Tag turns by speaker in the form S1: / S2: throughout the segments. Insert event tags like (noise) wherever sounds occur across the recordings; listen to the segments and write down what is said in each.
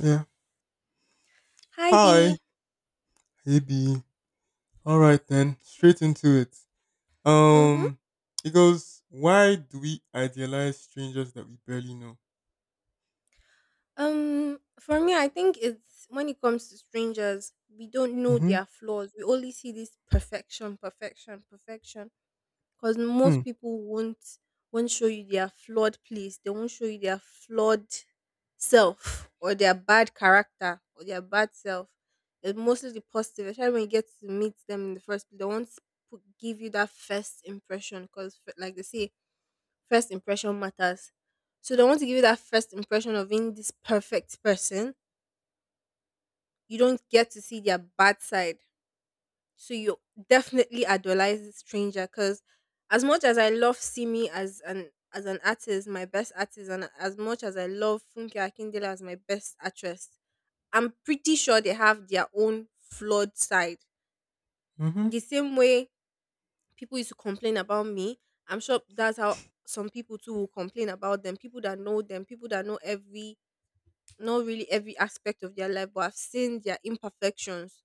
S1: Yeah.
S2: Hi
S1: Hi.
S2: Dee.
S1: Hey B. All right then. Straight into it.
S2: Mm-hmm.
S1: Um, it goes. Why do we idealize strangers that we barely know?
S2: For me, I think it's when it comes to strangers, we don't know
S1: Mm-hmm.
S2: their flaws. We only see this perfection, perfection, perfection. Because
S1: Hmm.
S2: most people won't show you their flawed place. They won't show you their flawed self or their bad character or their bad self. It's mostly the positive. Especially when you get to meet them in the first place, they won't put, give you that first impression. Because like they say, first impression matters. So they want to give you that first impression of being this perfect person. You don't get to see their bad side. So you definitely idolize this stranger because as much as I love Simi as an artist, my best artist, and as much as I love Funke Akindele as my best actress, I'm pretty sure they have their own flawed side.
S1: Mm-hmm.
S2: The same way people used to complain about me, I'm sure that's how some people too will complain about them. People that know them, people that know every not really every aspect of their life, but I've seen their imperfections.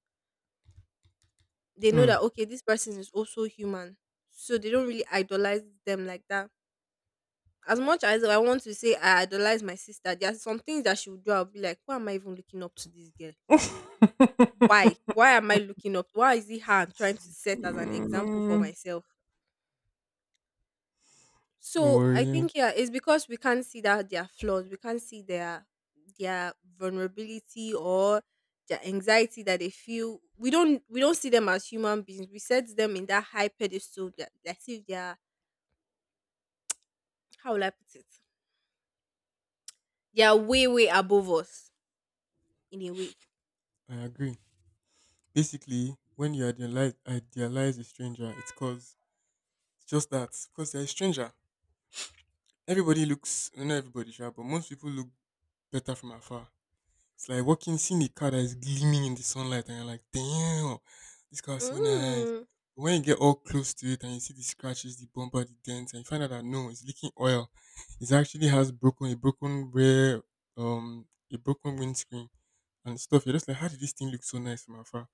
S2: They know that okay, this person is also human, so they don't really idolize them like that. As much as I want to say I idolize my sister, there are some things that she would do. I'll be like, why am I even looking up to this girl?
S1: Hmm.
S2: Why?
S1: (laughs)
S2: Why am I looking up? Why is it her I'm trying to set as an example for
S1: Mm.
S2: myself?
S1: Don't
S2: So
S1: worry,
S2: I
S1: yeah.
S2: think yeah, it's because we can't see that their flaws, we can't see their vulnerability or their anxiety that they feel. We don't see them as human beings. We set them in that high pedestal that as if they are, how will I put it? They are way way above us in a way.
S1: I agree. Basically, when you idealize a stranger, it's cause it's just that because they're a stranger. Everybody looks not everybody, sure, but most people look better from afar. It's like walking, seeing a car that is gleaming in the sunlight, and you're like, damn, this car is so nice.
S2: Mm,
S1: But when you get all close to it and you see the scratches, the bumper, the dents, and you find out that no, it's leaking oil. It actually has broken a broken rear, um, a broken windscreen and stuff. You're just like, how did this thing look so nice from afar?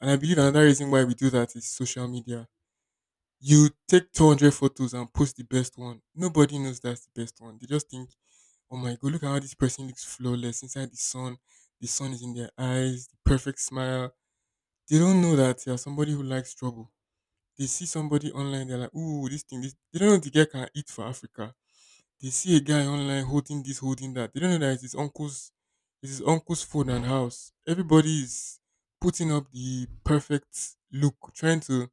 S1: And I believe another reason why we do that is social media. You take 200 photos and post the best one. Nobody knows that's the best one. They just think, oh my God, look at how this person looks flawless inside the sun. The sun is in their eyes, the perfect smile. They don't know that you're somebody who likes trouble. They see somebody online, they're like, ooh, this thing, this. They don't know the guy can eat for Africa. They see a guy online holding this, holding that. They don't know that it's his uncle's phone and house. Everybody is putting up the perfect look, trying to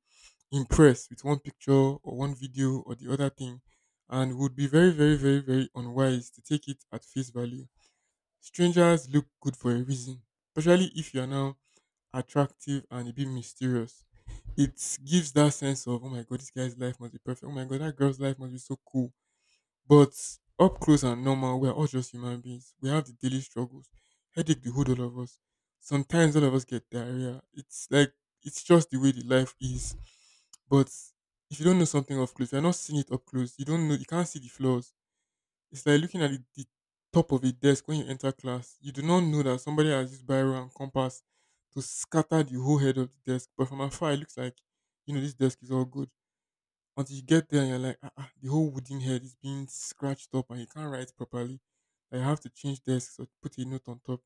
S1: impressed with one picture or one video or the other thing and would be very, very, very, very unwise to take it at face value. Strangers look good for a reason, especially if you're now attractive and a bit mysterious. It gives that sense of, oh my god, this guy's life must be perfect. Oh my god, that girl's life must be so cool. But up close and normal, we're all just human beings. We have the daily struggles. Headache behold all of us. Sometimes all of us get diarrhea. It's like, it's just the way the life is, but if you don't know something up close, you're not seeing it up close. You don't know. You can't see the flaws. It's like looking at the top of a desk when you enter class. You do not know that somebody has used biro and compass to scatter the whole head of the desk. But from afar, it looks like you know this desk is all good. Until you get there, and you're like, ah, ah, the whole wooden head is being scratched up, and you can't write properly. I have to change desks or put a note on top.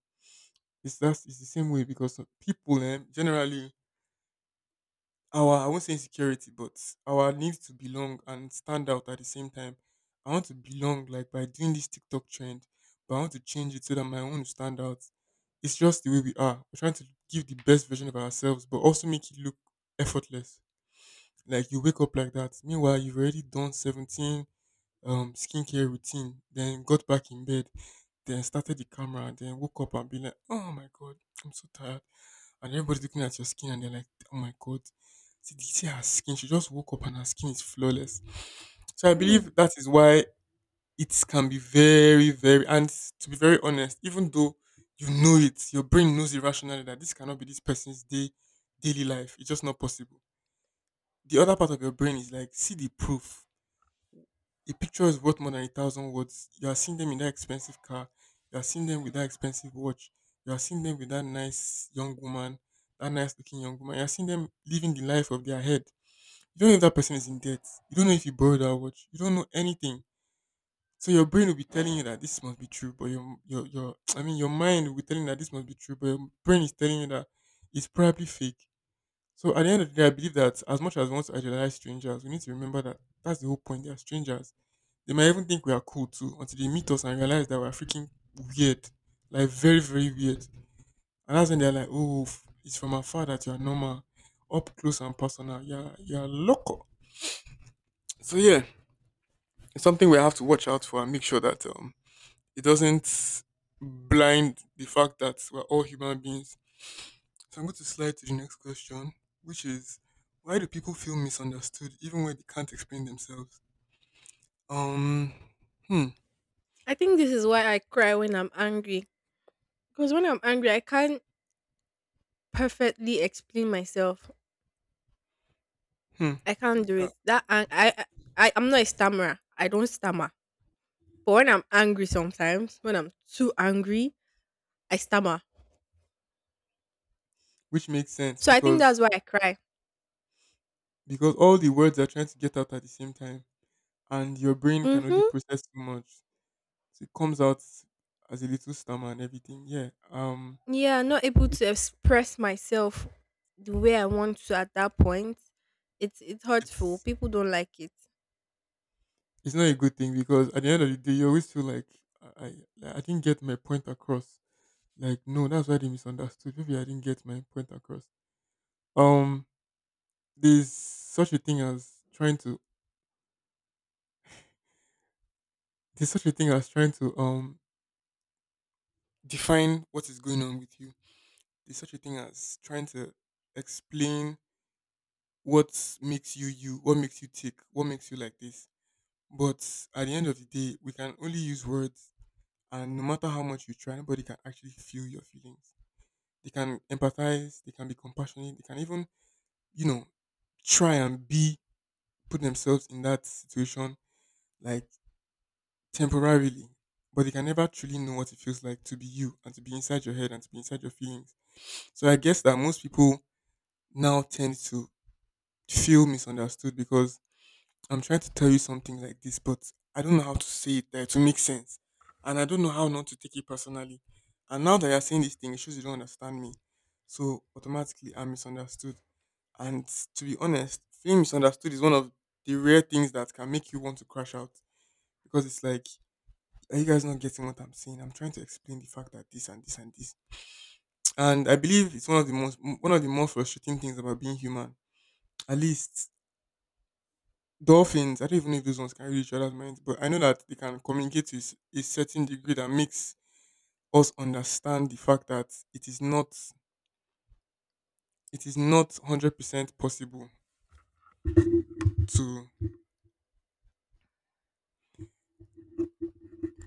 S1: It's the same way because people, generally, our, I won't say insecurity, but our need to belong and stand out at the same time. I want to belong like by doing this TikTok trend, but I want to change it so that my own will stand out. It's just the way we are. We're trying to give the best version of ourselves, but also make it look effortless. Like you wake up like that. Meanwhile, you've already done 17 skincare routine, then got back in bed. Then started the camera, then woke up and be like, oh my god, I'm so tired. And everybody's looking at your skin and they're like, oh my god, see, did you see her skin? She just woke up and her skin is flawless. So I believe
S2: mm.
S1: that is why it can be very, very, and to be very honest, even though you know it, your brain knows irrationally that this cannot be this person's day, daily life. It's just not possible. The other part of your brain is like, see the proof, a picture is worth more than a thousand words. You are seeing them in that expensive car. You are seeing them with that expensive watch. You are seeing them with that nice young woman, that nice looking young woman. You are seeing them living the life of their head. You don't know if that person is in debt. You don't know if you borrowed that watch. You don't know anything. So your brain will be telling you that this must be true, but your (tsk) I mean your mind will be telling you that this must be true, but your brain is telling you that it's probably fake. So at the end of the day, I believe that as much as we want to idealize strangers, we need to remember that that's the whole point. They are strangers. They might even think we are cool too until they meet us and realize that we're freaking weird, like very, very weird. And that's when they're like, "Oh, it's from afar that you are normal, up close and personal. You're loco." So yeah, it's something we have to watch out for and make sure that it doesn't blind the fact that we're all human beings. So I'm going to slide to the next question, which is why do people feel misunderstood even when they can't explain themselves? Um, hmm,
S2: I think this is why I cry when I'm angry, because when I'm angry, I can't perfectly explain myself.
S1: hmm,
S2: I can't do
S1: uh,
S2: it. That ang- I- I'm not a stammerer. I don't stammer. But when I'm angry sometimes, when I'm too angry, I stammer.
S1: which makes sense
S2: So I think
S1: because
S2: that's why I cry.
S1: all the words are trying to get out at the same time, and your brain can only
S2: Mm-hmm.
S1: process too much, so it comes out as a little stammer and everything. Yeah,
S2: Yeah, not able
S1: it,
S2: to express myself the way I want to at that point. It's hurtful.
S1: it's
S2: People don't like it.
S1: it's not a good thing because at the end of the day, you always feel like, I I, like, I didn't get my point across. Like no, that's why they misunderstood. Maybe I didn't get my point across. Um, there's such a thing as trying to, there's such a thing as trying to define what is going on with you. There's such a thing as trying to explain what makes you you, what makes you tick, what makes you like this. But at the end of the day, we can only use words, and no matter how much you try, nobody can actually feel your feelings. They can empathize, they can be compassionate, they can even you know try and be, put themselves in that situation. Like temporarily, but they can never truly know what it feels like to be you and to be inside your head and to be inside your feelings. So I guess that most people now tend to feel misunderstood because I'm trying to tell you something like this, but I don't know how to say it that to make sense. And I don't know how not to take it personally. And now that you're saying this thing, it shows you don't understand me. So automatically I'm misunderstood. And to be honest, feeling misunderstood is one of the rare things that can make you want to crash out because it's like, are you guys not getting what I'm saying? I'm trying to explain the fact that this and this and this. And I believe it's one of the more frustrating things about being human. At least dolphins, I don't even know if those ones can read each other's minds, but I know that they can communicate to a a certain degree that makes us understand the fact that it is not 100% possible to,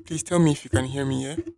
S1: please tell me if you can hear me, yeah?